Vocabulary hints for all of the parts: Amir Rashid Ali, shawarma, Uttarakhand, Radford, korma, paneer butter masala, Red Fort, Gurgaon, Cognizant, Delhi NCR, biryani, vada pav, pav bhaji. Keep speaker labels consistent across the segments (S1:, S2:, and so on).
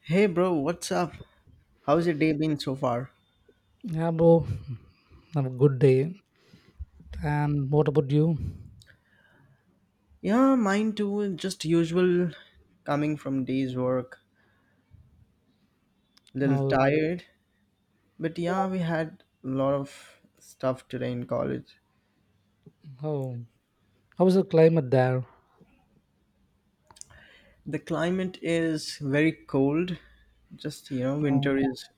S1: Hey bro, what's up? How's your day been so far?
S2: Yeah, bro. Have a good day. And what about you?
S1: Yeah, mine too. Just usual coming from day's work. Little
S2: How
S1: tired. But yeah, we had a lot of stuff today in college.
S2: how how is the climate there?
S1: The climate is very cold. Just, you know, winter
S2: Um,
S1: is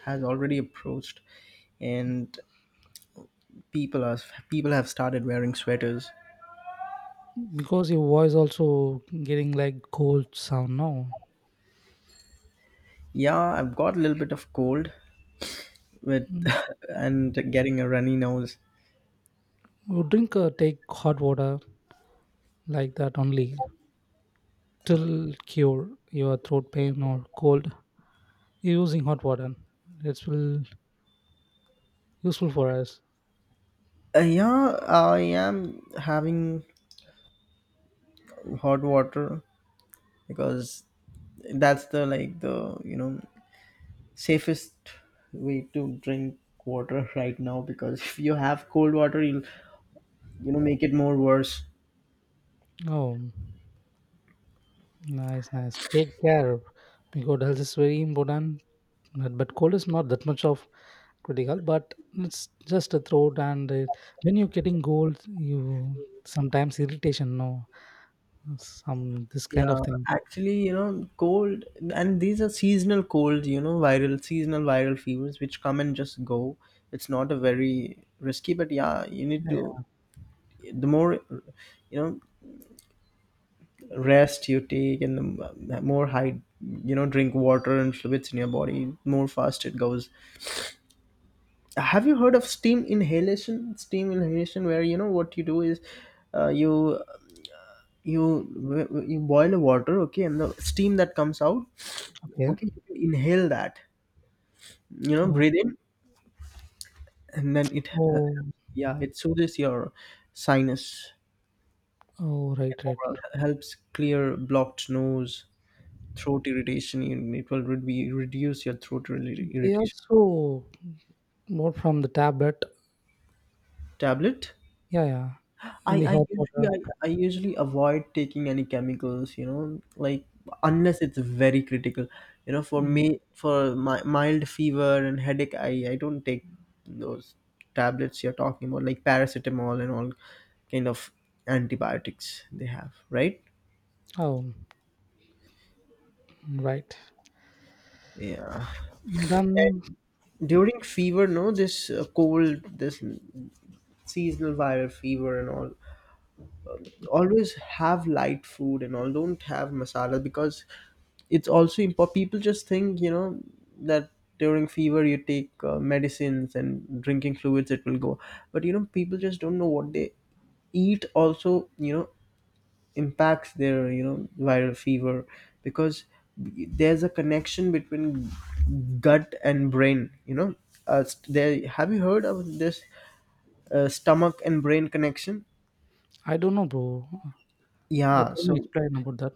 S1: has already approached and people are people have started wearing sweaters.
S2: because your voice also getting like cold sound now.
S1: Yeah, I've got a little bit of cold with
S2: Mm.
S1: and getting a runny nose.
S2: You drink take hot water like that only till cure your throat pain or cold. You're using hot water. It's will useful for us.
S1: Yeah, I am having hot water because that's the safest way to drink water right now because if you have cold water you'll, you know, make it more worse.
S2: Oh, nice, nice. Take care because health is very important. But cold is not that much of critical, but it's just a throat, and when you're getting gold, you sometimes irritation, no, some this kind of
S1: Yeah,
S2: thing.
S1: actually, you know, cold, and these are seasonal colds, you know, viral seasonal viral fevers which come and just go. It's not a very risky, but yeah, you need
S2: Yeah,
S1: to,
S2: yeah.
S1: the more, you know, rest you take and the more high, you know, drink water and fluids in your body, more fast it goes. Have you heard of steam inhalation? Steam inhalation, where, you know, what you do is, you you boil the water, okay, and the steam that comes out,
S2: Okay.
S1: okay, you can inhale that, you know,
S2: Oh,
S1: breathe in, and then it,
S2: oh.
S1: yeah, it soothes your sinus
S2: Oh.
S1: and
S2: Right,
S1: overall
S2: right.
S1: helps clear blocked nose, throat irritation. It will reduce your throat
S2: They
S1: irritation.
S2: also more from the tablet.
S1: Tablet.
S2: Yeah, yeah.
S1: i
S2: In the
S1: i
S2: hot
S1: usually
S2: water.
S1: I, I usually avoid taking any chemicals, you know, like unless it's very critical. You know, for
S2: Mm.
S1: me, for my mild fever and headache, I don't take those tablets you're talking about, like paracetamol and all kind of antibiotics they have, right?
S2: Oh, right.
S1: Yeah.
S2: Then
S1: During fever, no, this cold, this seasonal viral fever and all, always have light food and all, don't have masala, because it's also important. People just think, you know, that during fever you take medicines and drinking fluids, it will go. But you know, people just don't know what they eat also, you know, impacts their, you know, viral fever, because there's a connection between gut and brain, you know. There, have you heard of this stomach and brain connection?
S2: I don't know, bro. Let
S1: Yeah,
S2: me
S1: so,
S2: explain about that.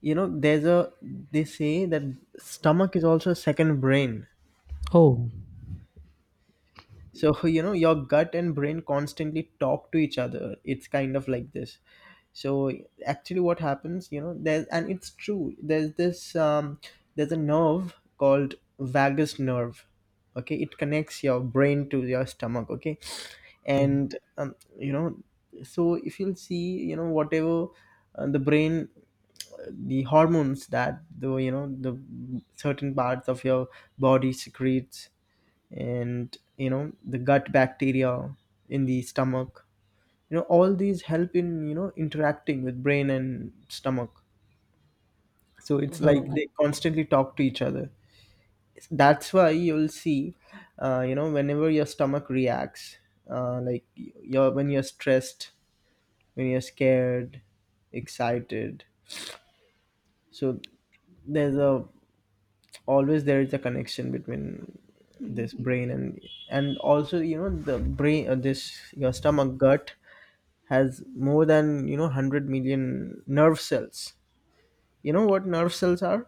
S1: you know, there's a, they say that stomach is also a second brain.
S2: Oh,
S1: So you know, your gut and brain constantly talk to each other, it's kind of like this. So actually what happens, you know, there's, and it's true, there's this there's a nerve called vagus nerve. Okay, it connects your brain to your stomach. Okay,
S2: oh.
S1: and you know, so if you'll see, you know, whatever, the brain, the hormones that the, you know, the certain parts of your body secretes, and you know, the gut bacteria in the stomach, you know, all these help in, you know, interacting with brain and stomach. So it's
S2: Oh.
S1: like they constantly talk to each other. That's why you'll see, you know, whenever your stomach reacts, like you're, when you're stressed, when you're scared, excited, so there's a, always there is a connection between this brain and also you know, the brain, this your stomach gut has more than, you know, 100 million nerve cells. You know what nerve cells are?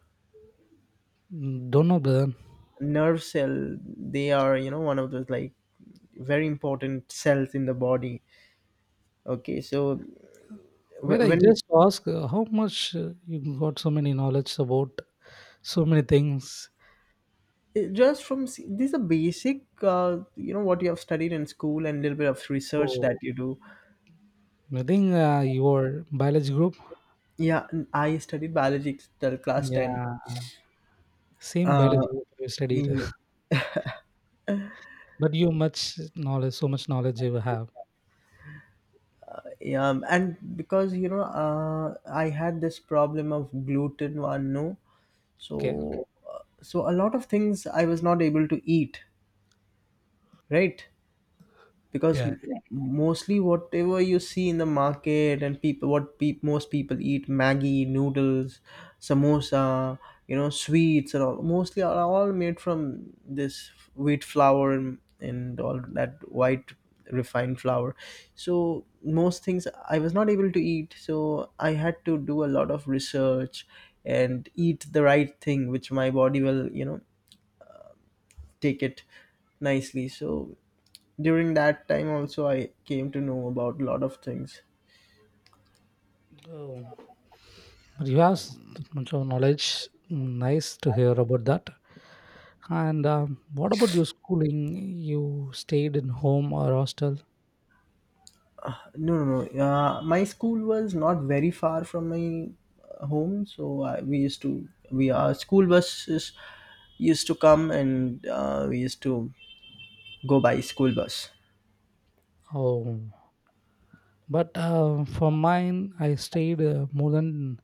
S2: Don't know brother.
S1: Nerve cell, they are, you know, one of those like very important cells in the body. Okay, so
S2: Where I
S1: when it-
S2: just ask how much you got so many knowledge about so many things.
S1: just from these are basic, you know, what you have studied in school and little bit of research
S2: Oh,
S1: that you do.
S2: I think your biology group.
S1: Yeah, I studied biology till class 10.
S2: Yeah, same
S1: uh
S2: biology group you studied,
S1: y-
S2: but you much knowledge, so much knowledge you have.
S1: yeah, and because you know, I had this problem of gluten one, no,
S2: Okay.
S1: so so a lot of things I was not able to eat, right? Because
S2: Yeah.
S1: yeah, mostly whatever you see in the market, and people, what peop most people eat, maggie noodles, samosa, you know, sweets and all, mostly are all made from this wheat flour, and all that white refined flour. So most things I was not able to eat, so I had to do a lot of research and eat the right thing which my body will, you know, take it nicely. So during that time also I came to know about a lot of things.
S2: Oh, but you have much of knowledge. Nice to hear about that. And what about your schooling? You stayed in home or hostel?
S1: No, my school was not very far from my home, so I, we used to we our school buses used to come, and we used to go by school bus.
S2: Oh, but for mine, I stayed more than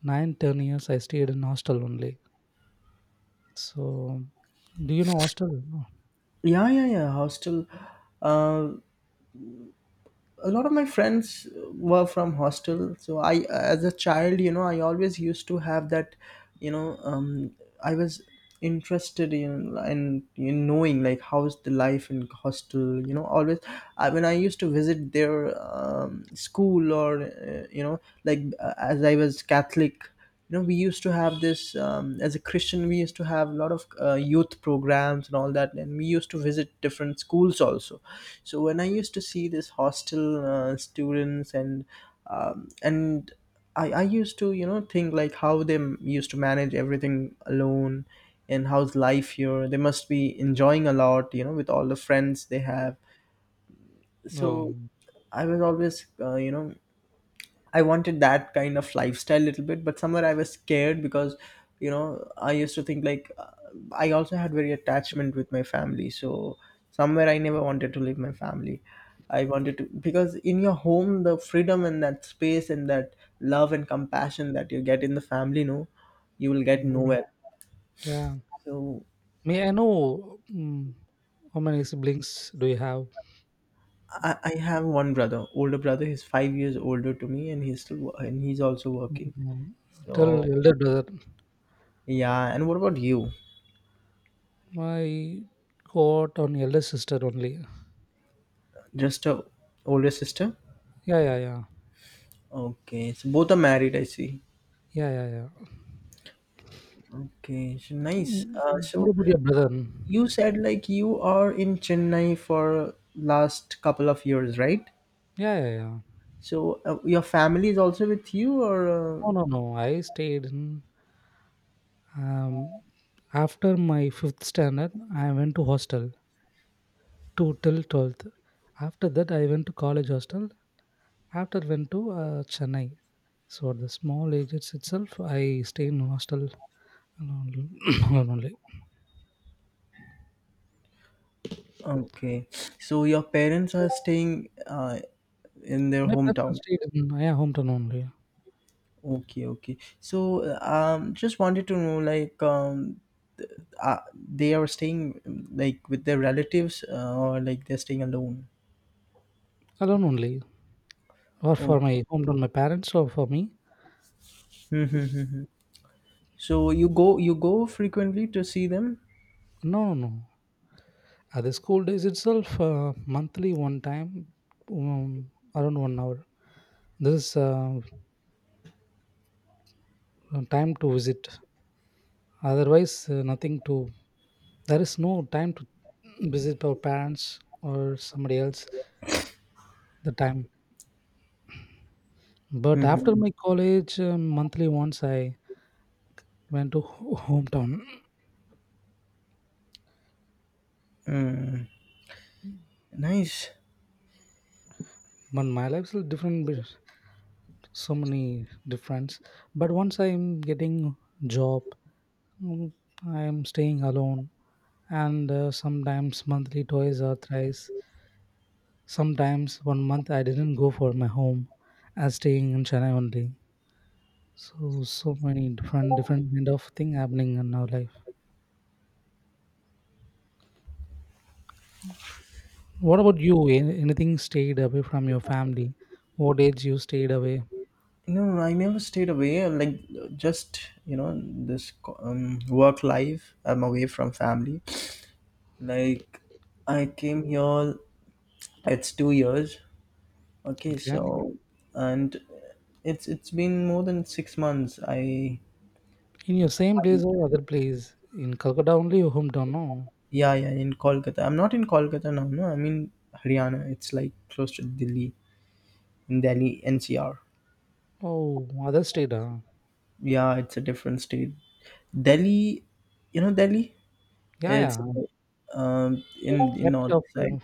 S2: 9-10 years I stayed in hostel only. So, do you know hostel? No.
S1: Yeah, hostel, uh, a lot of my friends were from hostel, so I as a child, you know, I always used to have that, you know, I was interested in in, knowing like how's the life in hostel, you know, always. When I used to visit their, school, or you know, like, as I was catholic, you know, we used to have this, as a christian we used to have a lot of youth programs and all that, and we used to visit different schools also. So when I used to see this hostel students and, and I used to, you know, think like how they used to manage everything alone, and how's life here, they must be enjoying a lot, you know, with all the friends they have. So
S2: Oh,
S1: I was always, you know, I wanted that kind of lifestyle a little bit, but somewhere I was scared, because, you know, I used to think like, I also had very attachment with my family. So somewhere I never wanted to leave my family. I wanted to, because in your home the freedom, and that space, and that love and compassion that you get in the family, no, you will get
S2: oh,
S1: nowhere.
S2: yeah.
S1: So
S2: May I know, how many siblings do you have?
S1: I have one brother, older brother. He's 5 years older to me, and he's and he's also working.
S2: Mm, Tell
S1: So
S2: elder brother.
S1: yeah. And what about you?
S2: I got an elder sister only.
S1: Just a older sister?
S2: Yeah, yeah, yeah.
S1: Okay, so both are married, I see.
S2: Yeah, yeah, yeah.
S1: Okay, so nice.
S2: Mm,
S1: Uh,
S2: What
S1: so
S2: about your brother?
S1: you said like you are in Chennai for last couple of years, right?
S2: Yeah, yeah, yeah.
S1: So your family is also with you, or
S2: No, no, no. I stayed in. Um, after my fifth standard, I went to hostel, to till 12th. After that, I went to college hostel. After went to Chennai. So at the small ages itself, I stay in hostel alone, alone only.
S1: okay? So your parents are staying in their
S2: My parents are
S1: hometown.
S2: stayed in my hometown only,
S1: Okay, okay. So just wanted to know like, they are staying like with their relatives, or like they're staying alone.
S2: alone only, or for
S1: Okay.
S2: my hometown, my parents or for me.
S1: Mm-hmm. So you go frequently to see them?
S2: No, no, no. At the school days itself, monthly one time, um, around one hour. This is time to visit. Otherwise, nothing to there is no time to visit our parents or somebody else the time, but after
S1: Mm-hmm.
S2: my college, monthly once I went to hometown.
S1: Mm. Nice.
S2: But my life is different with so many difference, but once I'm getting job, mm, I'm staying alone and sometimes monthly twice or thrice, sometimes one month I didn't go for my home as staying in Chennai only. So so many different different kind of thing happening in our life. What about you? Anything stayed away from your family? What age you stayed away?
S1: No, no, no, I never stayed away. Like, just you know this work life, I'm away from family. Like, I came here. It's 2 years. Okay,
S2: Okay.
S1: so, and it's been more than 6 months. I,
S2: In your same place or other place? In Calcutta only your hometown, no?
S1: yeah, yeah, in Kolkata. I'm not in Kolkata now. No, I'm in Haryana. It's like close to Delhi, in Delhi NCR.
S2: Oh, other state, huh?
S1: Yeah, it's a different state. Delhi, you know Delhi?
S2: Yeah,
S1: It's,
S2: yeah.
S1: in the north
S2: Capital of,
S1: side.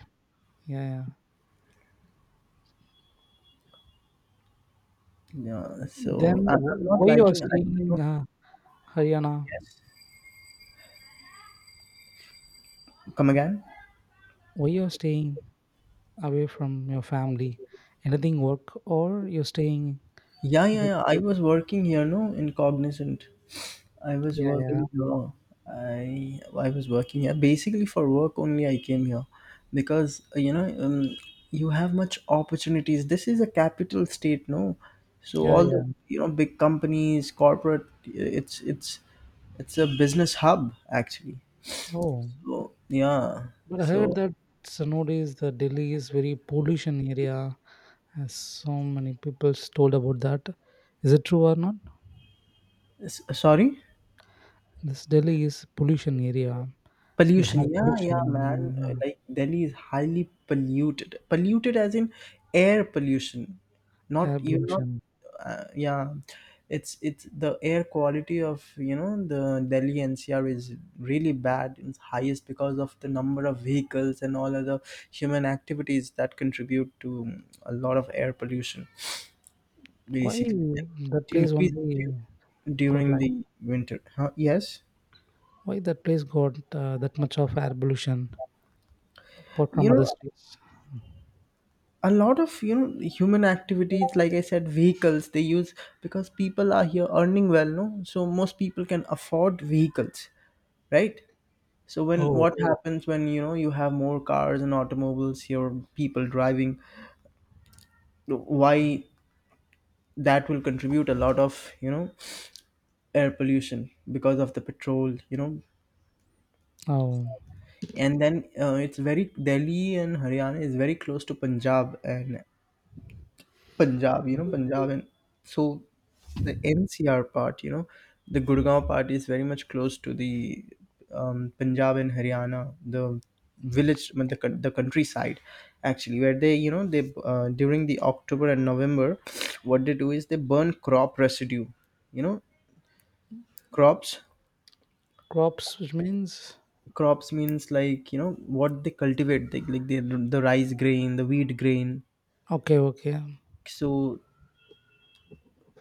S2: yeah, yeah.
S1: Yeah,
S2: Then
S1: so I'm not
S2: why you are
S1: liking, I,
S2: staying in Haryana?
S1: come again.
S2: Why you are staying away from your family? Anything work or you're staying
S1: Yeah, yeah,
S2: other?
S1: yeah. I was working here, no, in Cognizant. I was
S2: Yeah, yeah,
S1: working here. I was working here basically for work only. I came here because, you know, you have much opportunities. This is a capital state, no? So
S2: yeah,
S1: all
S2: yeah.
S1: the, you know, big companies, corporate. It's it's a business hub actually.
S2: Oh,
S1: So yeah.
S2: but I heard
S1: So
S2: that so nowadays the Delhi is very pollution area. As so many people told about that. Is it true or not?
S1: sorry.
S2: This Delhi is pollution area. The air
S1: Pollution, yeah, yeah, man.
S2: pollution, uh,
S1: Like Delhi is highly polluted. Polluted as in air pollution. Not
S2: air
S1: you're not.
S2: pollution.
S1: Yeah, it's the air quality of, you know, the Delhi NCR is really bad. It's highest because of the number of vehicles and all other human activities that contribute to a lot of air pollution.
S2: Why
S1: Basically, it
S2: that place
S1: increases
S2: only got
S1: during
S2: like?
S1: the winter. Huh? Yes.
S2: Why that place got that much of air pollution apart
S1: You
S2: from other
S1: know,
S2: states?
S1: a lot of, you know, human activities like I said, vehicles they use, because people are here earning well, no, so most people can afford vehicles, right? So when
S2: Oh,
S1: what, yeah, happens, when, you know, you have more cars and automobiles, your people driving, why that will contribute a lot of, you know, air pollution, because of the petrol, you know.
S2: oh.
S1: And then, it's very, delhi and haryana is very close to punjab, and Punjab, you know,
S2: Mm.
S1: Punjab and, so the NCR part, you know, the Gurgaon part is very much close to the, Punjab and Haryana, the village, the, the countryside, actually, where they, you know, they, during the October and November, what they do is they burn crop residue, you know, crops.
S2: Crops, which means
S1: Crops means like, you know, what they cultivate, like the rice grain, the wheat grain.
S2: okay, okay.
S1: So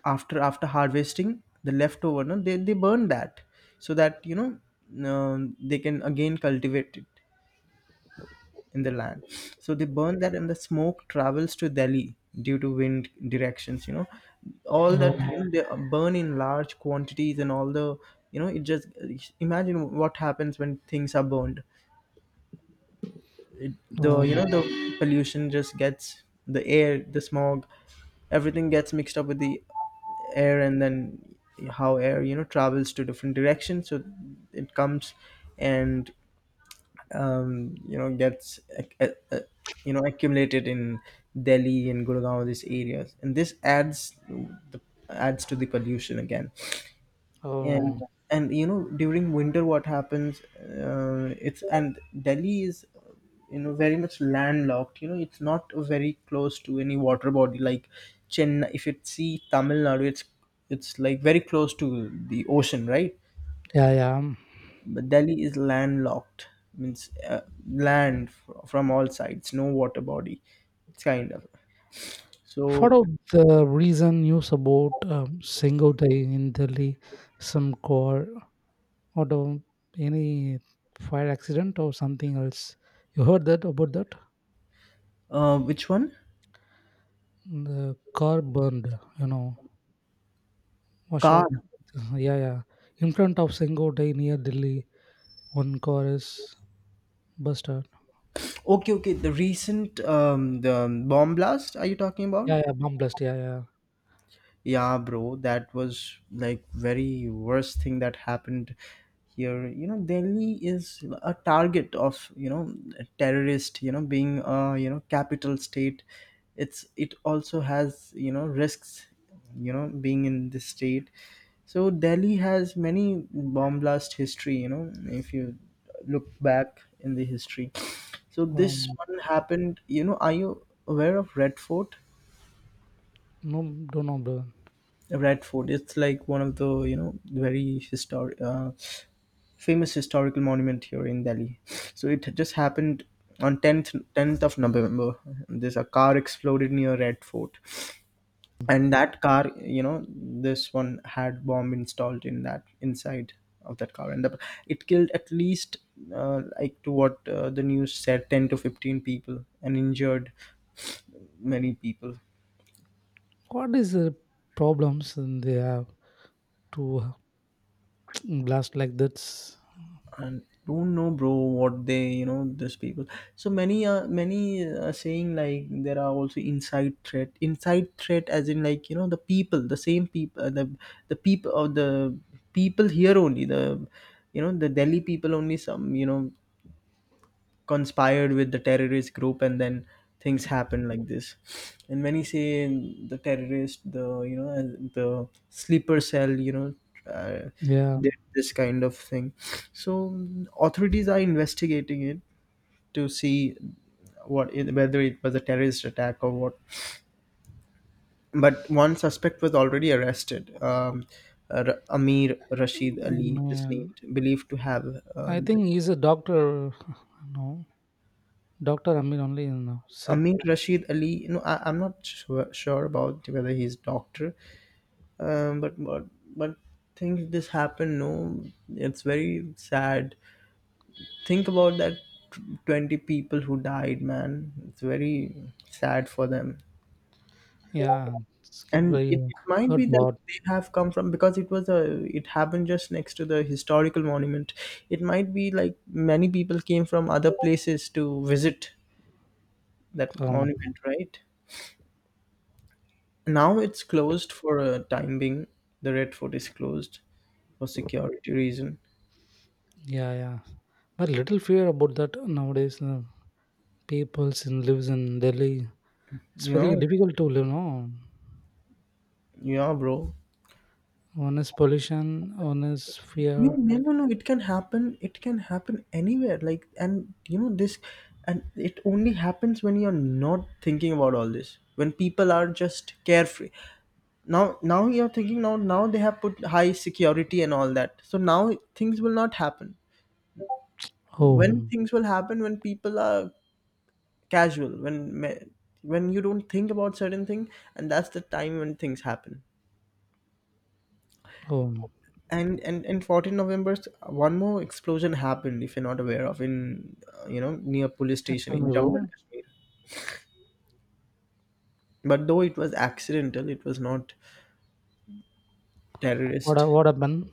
S1: after harvesting the leftover no they burn that so that they can again cultivate it in the land, so they burn that and the smoke travels to Delhi due to wind directions, you know, all that,
S2: Um,
S1: you know, they burn in large quantities and all the, you know, it just imagine what happens when things are burned, the, you
S2: um,
S1: know, the pollution just gets the air, the smog, everything gets mixed up with the air. And then how air, you know, travels to different directions, so it comes and you know, gets you know, accumulated in Delhi and Gurgaon, these areas, and this adds the adds to the pollution again. And
S2: um,
S1: during winter what happens, it's, and Delhi is, you know, very much landlocked. You know, it's not very close to any water body like Chennai. If you see Tamil Nadu, it's like very close to the ocean, right?
S2: yeah, yeah.
S1: But Delhi is landlocked, means, land from all sides, no water body. It's kind of, so,
S2: Follow the reason news about Sengotai in Delhi, some core or the, any fire accident or something else. You heard that about that?
S1: which one?
S2: The car burned, you know, wash
S1: Car?
S2: out. Yeah, yeah. In front of Sengotai near Delhi, one car is busted.
S1: Okay, okay, the recent the bomb blast are you talking about?
S2: Yeah, yeah, bomb blast. Yeah, yeah.
S1: Yeah, bro, that was like very worst thing that happened here. You know, Delhi is a target of, you know, terrorist. You know, being a, you know, capital state, it's, it also has, you know, risks. You know, being in this state, so Delhi has many bomb blast history. You know, if you look back in the history, so this
S2: Um,
S1: one happened. You know, are you aware of Red Fort?
S2: no, don't know, bro.
S1: Radford. It's like one of the, you know, very historic, famous historical monument here in Delhi. So it just happened on 10th of November. There's a car exploded near Radford, and that car, you know, this one had bomb installed in that, inside of that car, and the, it killed at least, like to what, the news said, 10 to 15 people, and injured many people.
S2: What is the problems in they have to blast like this?
S1: And don't know, bro, what they, you know, these people, so many, many are saying like there are also inside threat, inside threat, as in like, you know, the people, the same people, the people of the people here only, the, you know, the Delhi people only, some, you know, conspired with the terrorist group, and then things happen like this. And many say the terrorist, the, you know, and the sleeper cell, you know, uh,
S2: Yeah.
S1: did this kind of thing. So authorities are investigating it to see what it, whether it was a terrorist attack or what, but one suspect was already arrested. Amir Rashid Ali
S2: Um,
S1: is
S2: yeah.
S1: named, believed to have
S2: I
S1: the
S2: think he's a doctor. No, Doctor Amir only said.
S1: Amir Rashid Ali. No, I, I'm not sure about whether he's doctor, but but things this happen. No, it's very sad. Think about that. 20 people who died, man. It's very sad for them,
S2: Yeah, it's get
S1: and
S2: very
S1: it might
S2: hurt
S1: be that
S2: what
S1: they have come from, because it was a, it happened just next to the historical monument. It might be like many people came from other places to visit that
S2: um
S1: monument, right? Now it's closed for a time being. The Red Fort is closed for security reason.
S2: yeah, yeah. But little fear about that nowadays. Peoples in lives in Delhi. It's
S1: Yeah,
S2: very difficult to live. No,
S1: yeah, bro.
S2: one is pollution, one is
S1: You
S2: fear.
S1: never know. It can happen. It can happen anywhere. Like, and you know this, and it only happens when you're not thinking about all this. When people are just carefree. Now, now you're thinking. Now, now they have put high security and all that. So now things will not happen. When
S2: Home,
S1: things will happen when people are casual, when me- when you don't think about certain thing, and that's the time when things happen.
S2: home.
S1: And and 14 November one more explosion happened, if you're not aware of, in you know, near police
S2: Yeah,
S1: station
S2: tell
S1: in
S2: me,
S1: Jammu and
S2: bro,
S1: Kashmir. But though it was accidental, it was not terrorist.
S2: what happened?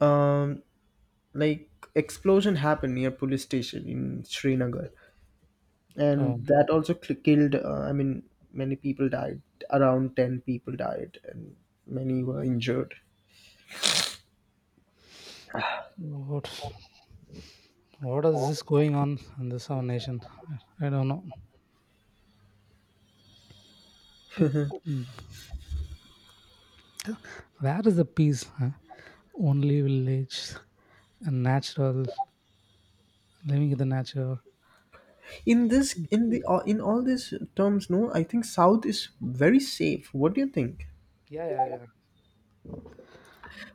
S1: um like explosion happened near police station in Srinagar, and
S2: Um,
S1: that also killed, I mean, many people died, around 10 people died, and many were injured.
S2: what what is this going on in this our nation? I don't know. But mm, where is the peace? Huh? Only village and natural living in the nature.
S1: In this, in the, in all these terms, no, I think south is very safe, what do you think?
S2: Yeah, yeah, yeah.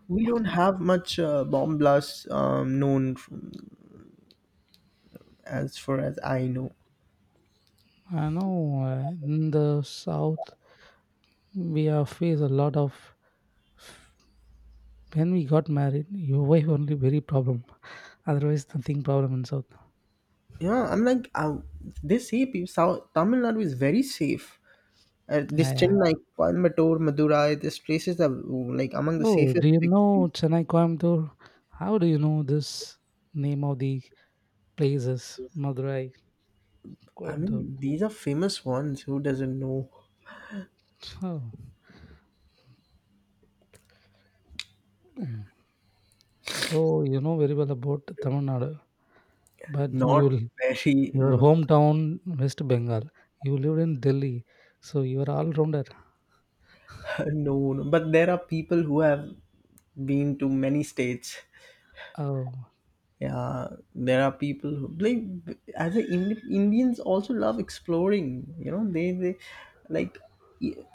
S1: We don't have much, bomb blasts, known from, as far as I know.
S2: I know in the south we have faced a lot of when we got married, your wife only very problem. Otherwise nothing problem in south.
S1: Yeah, I'm like, they say people, south Tamil Nadu is very safe, this
S2: Yeah, yeah.
S1: Chennai, Coimbatore, Madurai, these places are, like among the
S2: Oh,
S1: safest
S2: do you
S1: big
S2: know
S1: cities.
S2: Chennai Coimbatore? How do you know this name of the places? Madurai,
S1: I
S2: Coimbatore.
S1: mean, these are famous ones, who doesn't know?
S2: Oh. Mm. So you know very well about Tamil Nadu, but
S1: Not
S2: you
S1: very.
S2: your
S1: No,
S2: hometown West Bengal. You lived in Delhi, so you are all rounder.
S1: no. But there are people who have been to many states.
S2: Oh.
S1: Yeah, there are people who like, as a Indians also love exploring. You know, they like,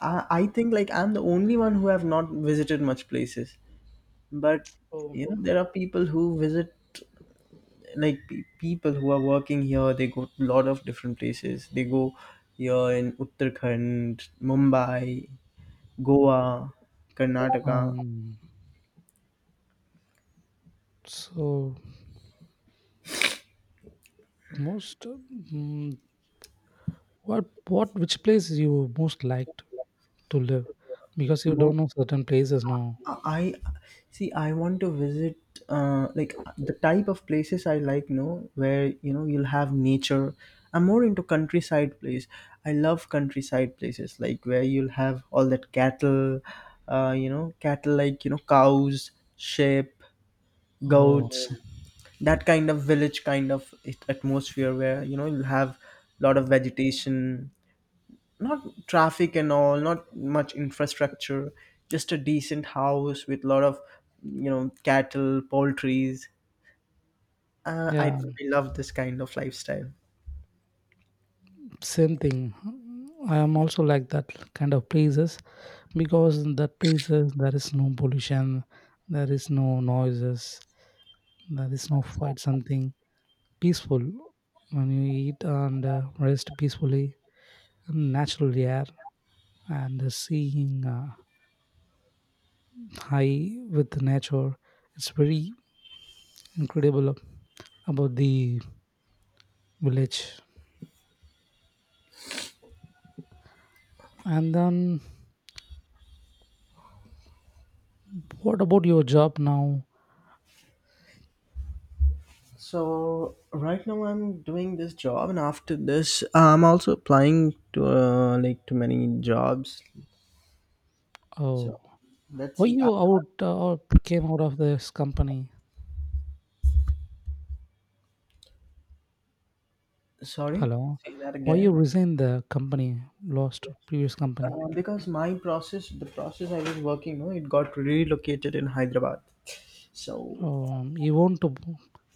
S1: I think like I'm the only one who have not visited much places. But
S2: Oh.
S1: you know, there are people who visit like, people who are working here. They go to a lot of different places. They go here in Uttarakhand, Mumbai, Goa, Karnataka.
S2: Um, so most, what which place you most liked to live because you don't know certain places now.
S1: I see. I want to visit, like the type of places I like. No, where you know you'll have nature. I'm more into countryside place. I love countryside places, like where you'll have all that cattle. You know, cattle, like you know, cows, sheep,
S2: Oh,
S1: goats. That kind of village kind of atmosphere where you know you'll have a lot of vegetation, not traffic and all, not much infrastructure, just a decent house with lot of, you know, cattle, poultries.
S2: yeah,
S1: I love this kind of lifestyle.
S2: same thing. I am also like that kind of places because in that places there is no pollution, there is no noises, there is no fight. Something peaceful when you eat and rest peacefully, and natural air and seeing. High with nature. It's very incredible about the village. And then, what about your job now?
S1: So right now I'm doing this job, and after this I'm also applying to, like to many jobs.
S2: Oh,
S1: So let's
S2: why
S1: see,
S2: you out came out of this company?
S1: sorry,
S2: Hello,
S1: say that
S2: why you
S1: again.
S2: resigned the company? Lost previous company.
S1: Because my process, the process I was working on, it got relocated in Hyderabad, so.
S2: Oh, you want to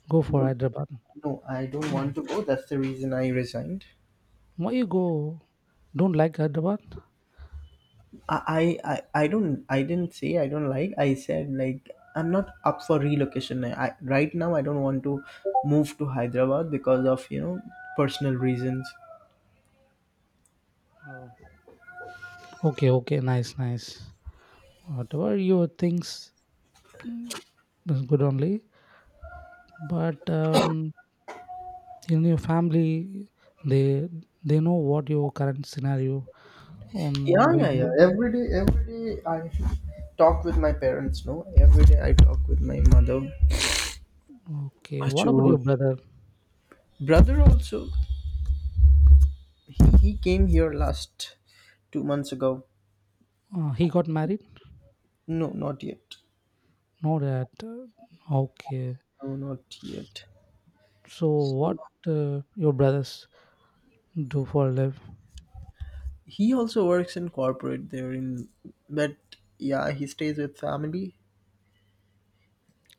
S2: go for
S1: No,
S2: Hyderabad?
S1: no, I don't
S2: Hmm.
S1: want to go. That's the reason I resigned.
S2: Why you go? Don't like Hyderabad?
S1: I, I, I don't. I didn't say I don't like. I said like, I'm not up for relocation. I right now I don't want to move to Hyderabad because of, you know, personal reasons.
S2: Oh. Okay, okay, nice, nice. Whatever your things, mm, that's good only. But in your family they they know what your current scenario on
S1: Yeah, yeah,
S2: going.
S1: yeah. Every day I talk with my parents. No, every day I talk with my mother.
S2: Okay, what about
S1: Achoo.
S2: your brother?
S1: Brother also, he came here last 2 months ago.
S2: He got married?
S1: No, not yet.
S2: No, that okay.
S1: No, not yet.
S2: So what your brothers do for a live?
S1: He also works in corporate there in, but yeah, he stays with family,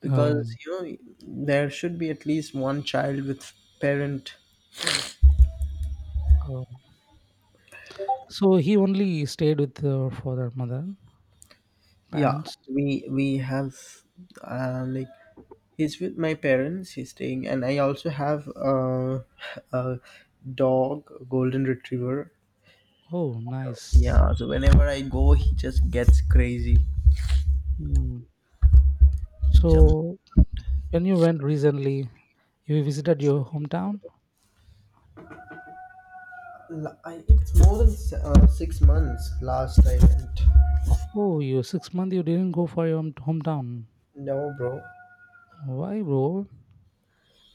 S1: because,
S2: um,
S1: you know, there should be at least one child with parent.
S2: um, so he only stayed with her father mother
S1: Yeah,
S2: parents.
S1: we have, like, he's with my parents, he's staying, and I also have, a dog, a golden retriever.
S2: Oh, nice.
S1: Yeah, so whenever I go he just gets crazy,
S2: Hmm.
S1: jump.
S2: So when you went recently, you visited your hometown?
S1: I, it's more than 6 months last I went.
S2: Oh, you 6 months you didn't go for your hometown?
S1: No, bro,
S2: Why, bro?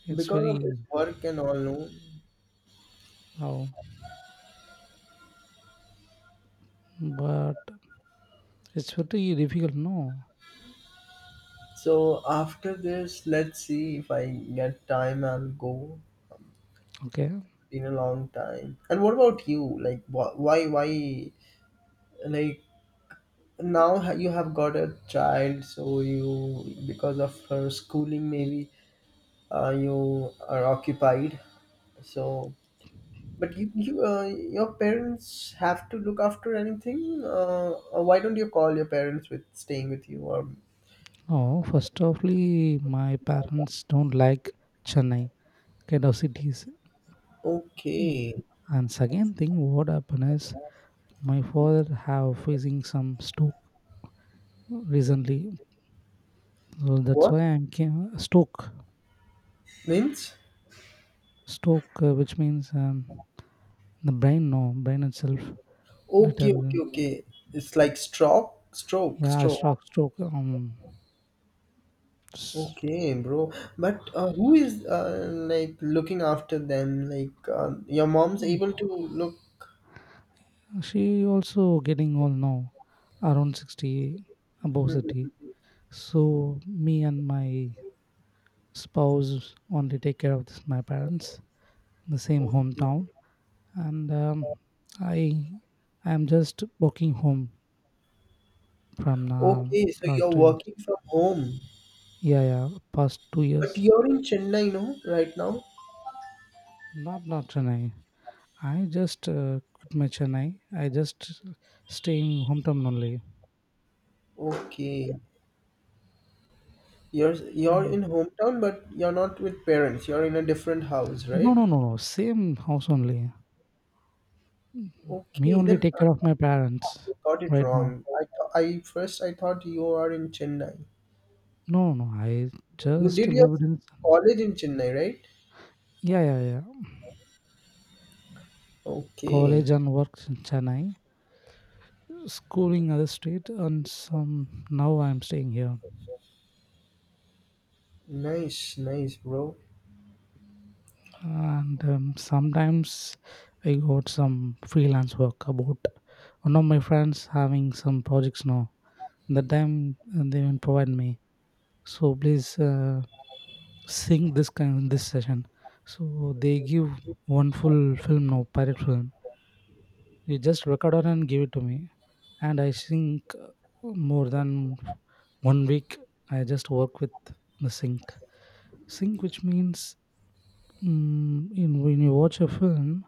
S2: It's
S1: because of
S2: very.
S1: this work and all, no.
S2: Oh, but it's very difficult. No,
S1: So after this let's see if I get time I'll go
S2: okay.
S1: in a long time. And what about you, like, why like now, you have got a child, so you, because of her schooling maybe, you are occupied, so. But you, your parents have to look after anything, or why don't you call your parents with staying with you, or?
S2: Oh, first offly, my parents don't like Chennai kind of cities. Mm.
S1: Okay.
S2: And second thing, what happened is my father have facing some stroke recently, so that's
S1: What
S2: why I'm came stroke.
S1: means?
S2: Stroke, which means, the brain, no, brain itself,
S1: Okay, okay,
S2: little,
S1: okay. It's like stroke, stroke,
S2: yeah,
S1: stroke.
S2: stroke, stroke. S-
S1: Okay, bro. But, who is, like looking after them? Like, your mom's able to look.
S2: She also getting old now, around 60, above 60. So me and my spouse only take care of this, my parents, in the same
S1: Okay.
S2: hometown, and I I am just walking home from now
S1: Okay, so
S2: last
S1: you're
S2: 2 years.
S1: working from home,
S2: Yeah, yeah, past two
S1: but
S2: years.
S1: you're in Chennai, no, right now?
S2: Not Chennai. I just quit my Chennai. I just staying hometown only.
S1: Okay. You're
S2: Um,
S1: in hometown, but you're not with parents. You're in a different house,
S2: No,
S1: right?
S2: no, no, no. Same house only. Mhm. Me
S1: Okay,
S2: only
S1: then
S2: take care of
S1: I
S2: my parents
S1: got it
S2: right now.
S1: wrong. I th I first, I thought you are in Chennai.
S2: No, no, I
S1: You
S2: just
S1: did your
S2: lived in
S1: college in Chennai, right?
S2: yeah, yeah, yeah.
S1: Okay.
S2: College and work in Chennai, schooling other state, and some now I'm staying here.
S1: Nice, nice, bro.
S2: And sometimes I got some freelance work about one of my friends having some projects now. That time they even provide me. So please sing this kind this session. So they give one full film now, pirate film you just record on and give it to me and I think more than one week I just work with the sync. Sync, which means, in, when you watch a film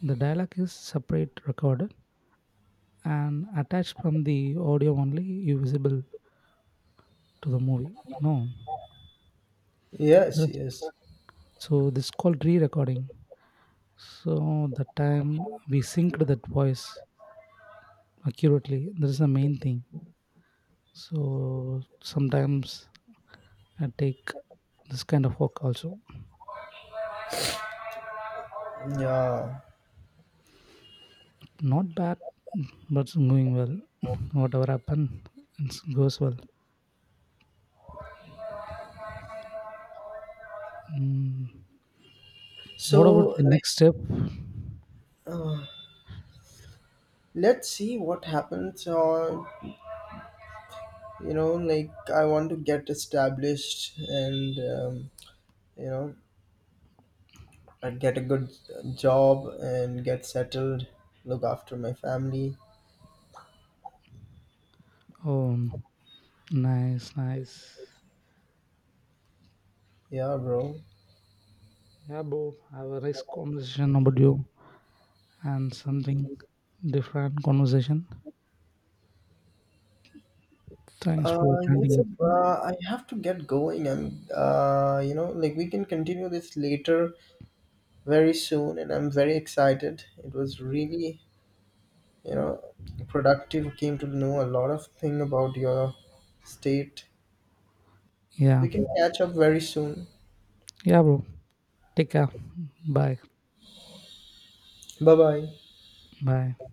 S2: the dialogue is separate recorded and attached from the audio only you visible to the movie, no.
S1: Yes,
S2: That's,
S1: yes.
S2: so this is called re-recording. So the time we synced that voice accurately, that is the main thing. So sometimes I take this kind of work also.
S1: Yeah.
S2: Not bad, but it's going well. Whatever happened, it goes well. Mm. What about
S1: So,
S2: the
S1: like,
S2: next step?
S1: uh, let's see what happens. Or, you know, like, I want to get established and, you know, I get a good job and get settled, look after my family.
S2: Oh, nice, nice.
S1: Yeah, bro.
S2: Yeah, bro, I have a nice conversation about you and something different conversation. Thanks for
S1: It's a,
S2: attending.
S1: I have to get going. I'm, you know, like, we can continue this later very soon, and I'm very excited. It was really, you know, productive. Came to know a lot of thing about your state.
S2: Yeah,
S1: We can catch up very soon.
S2: yeah, bro. Take care. Bye,
S1: Bye bye.
S2: bye.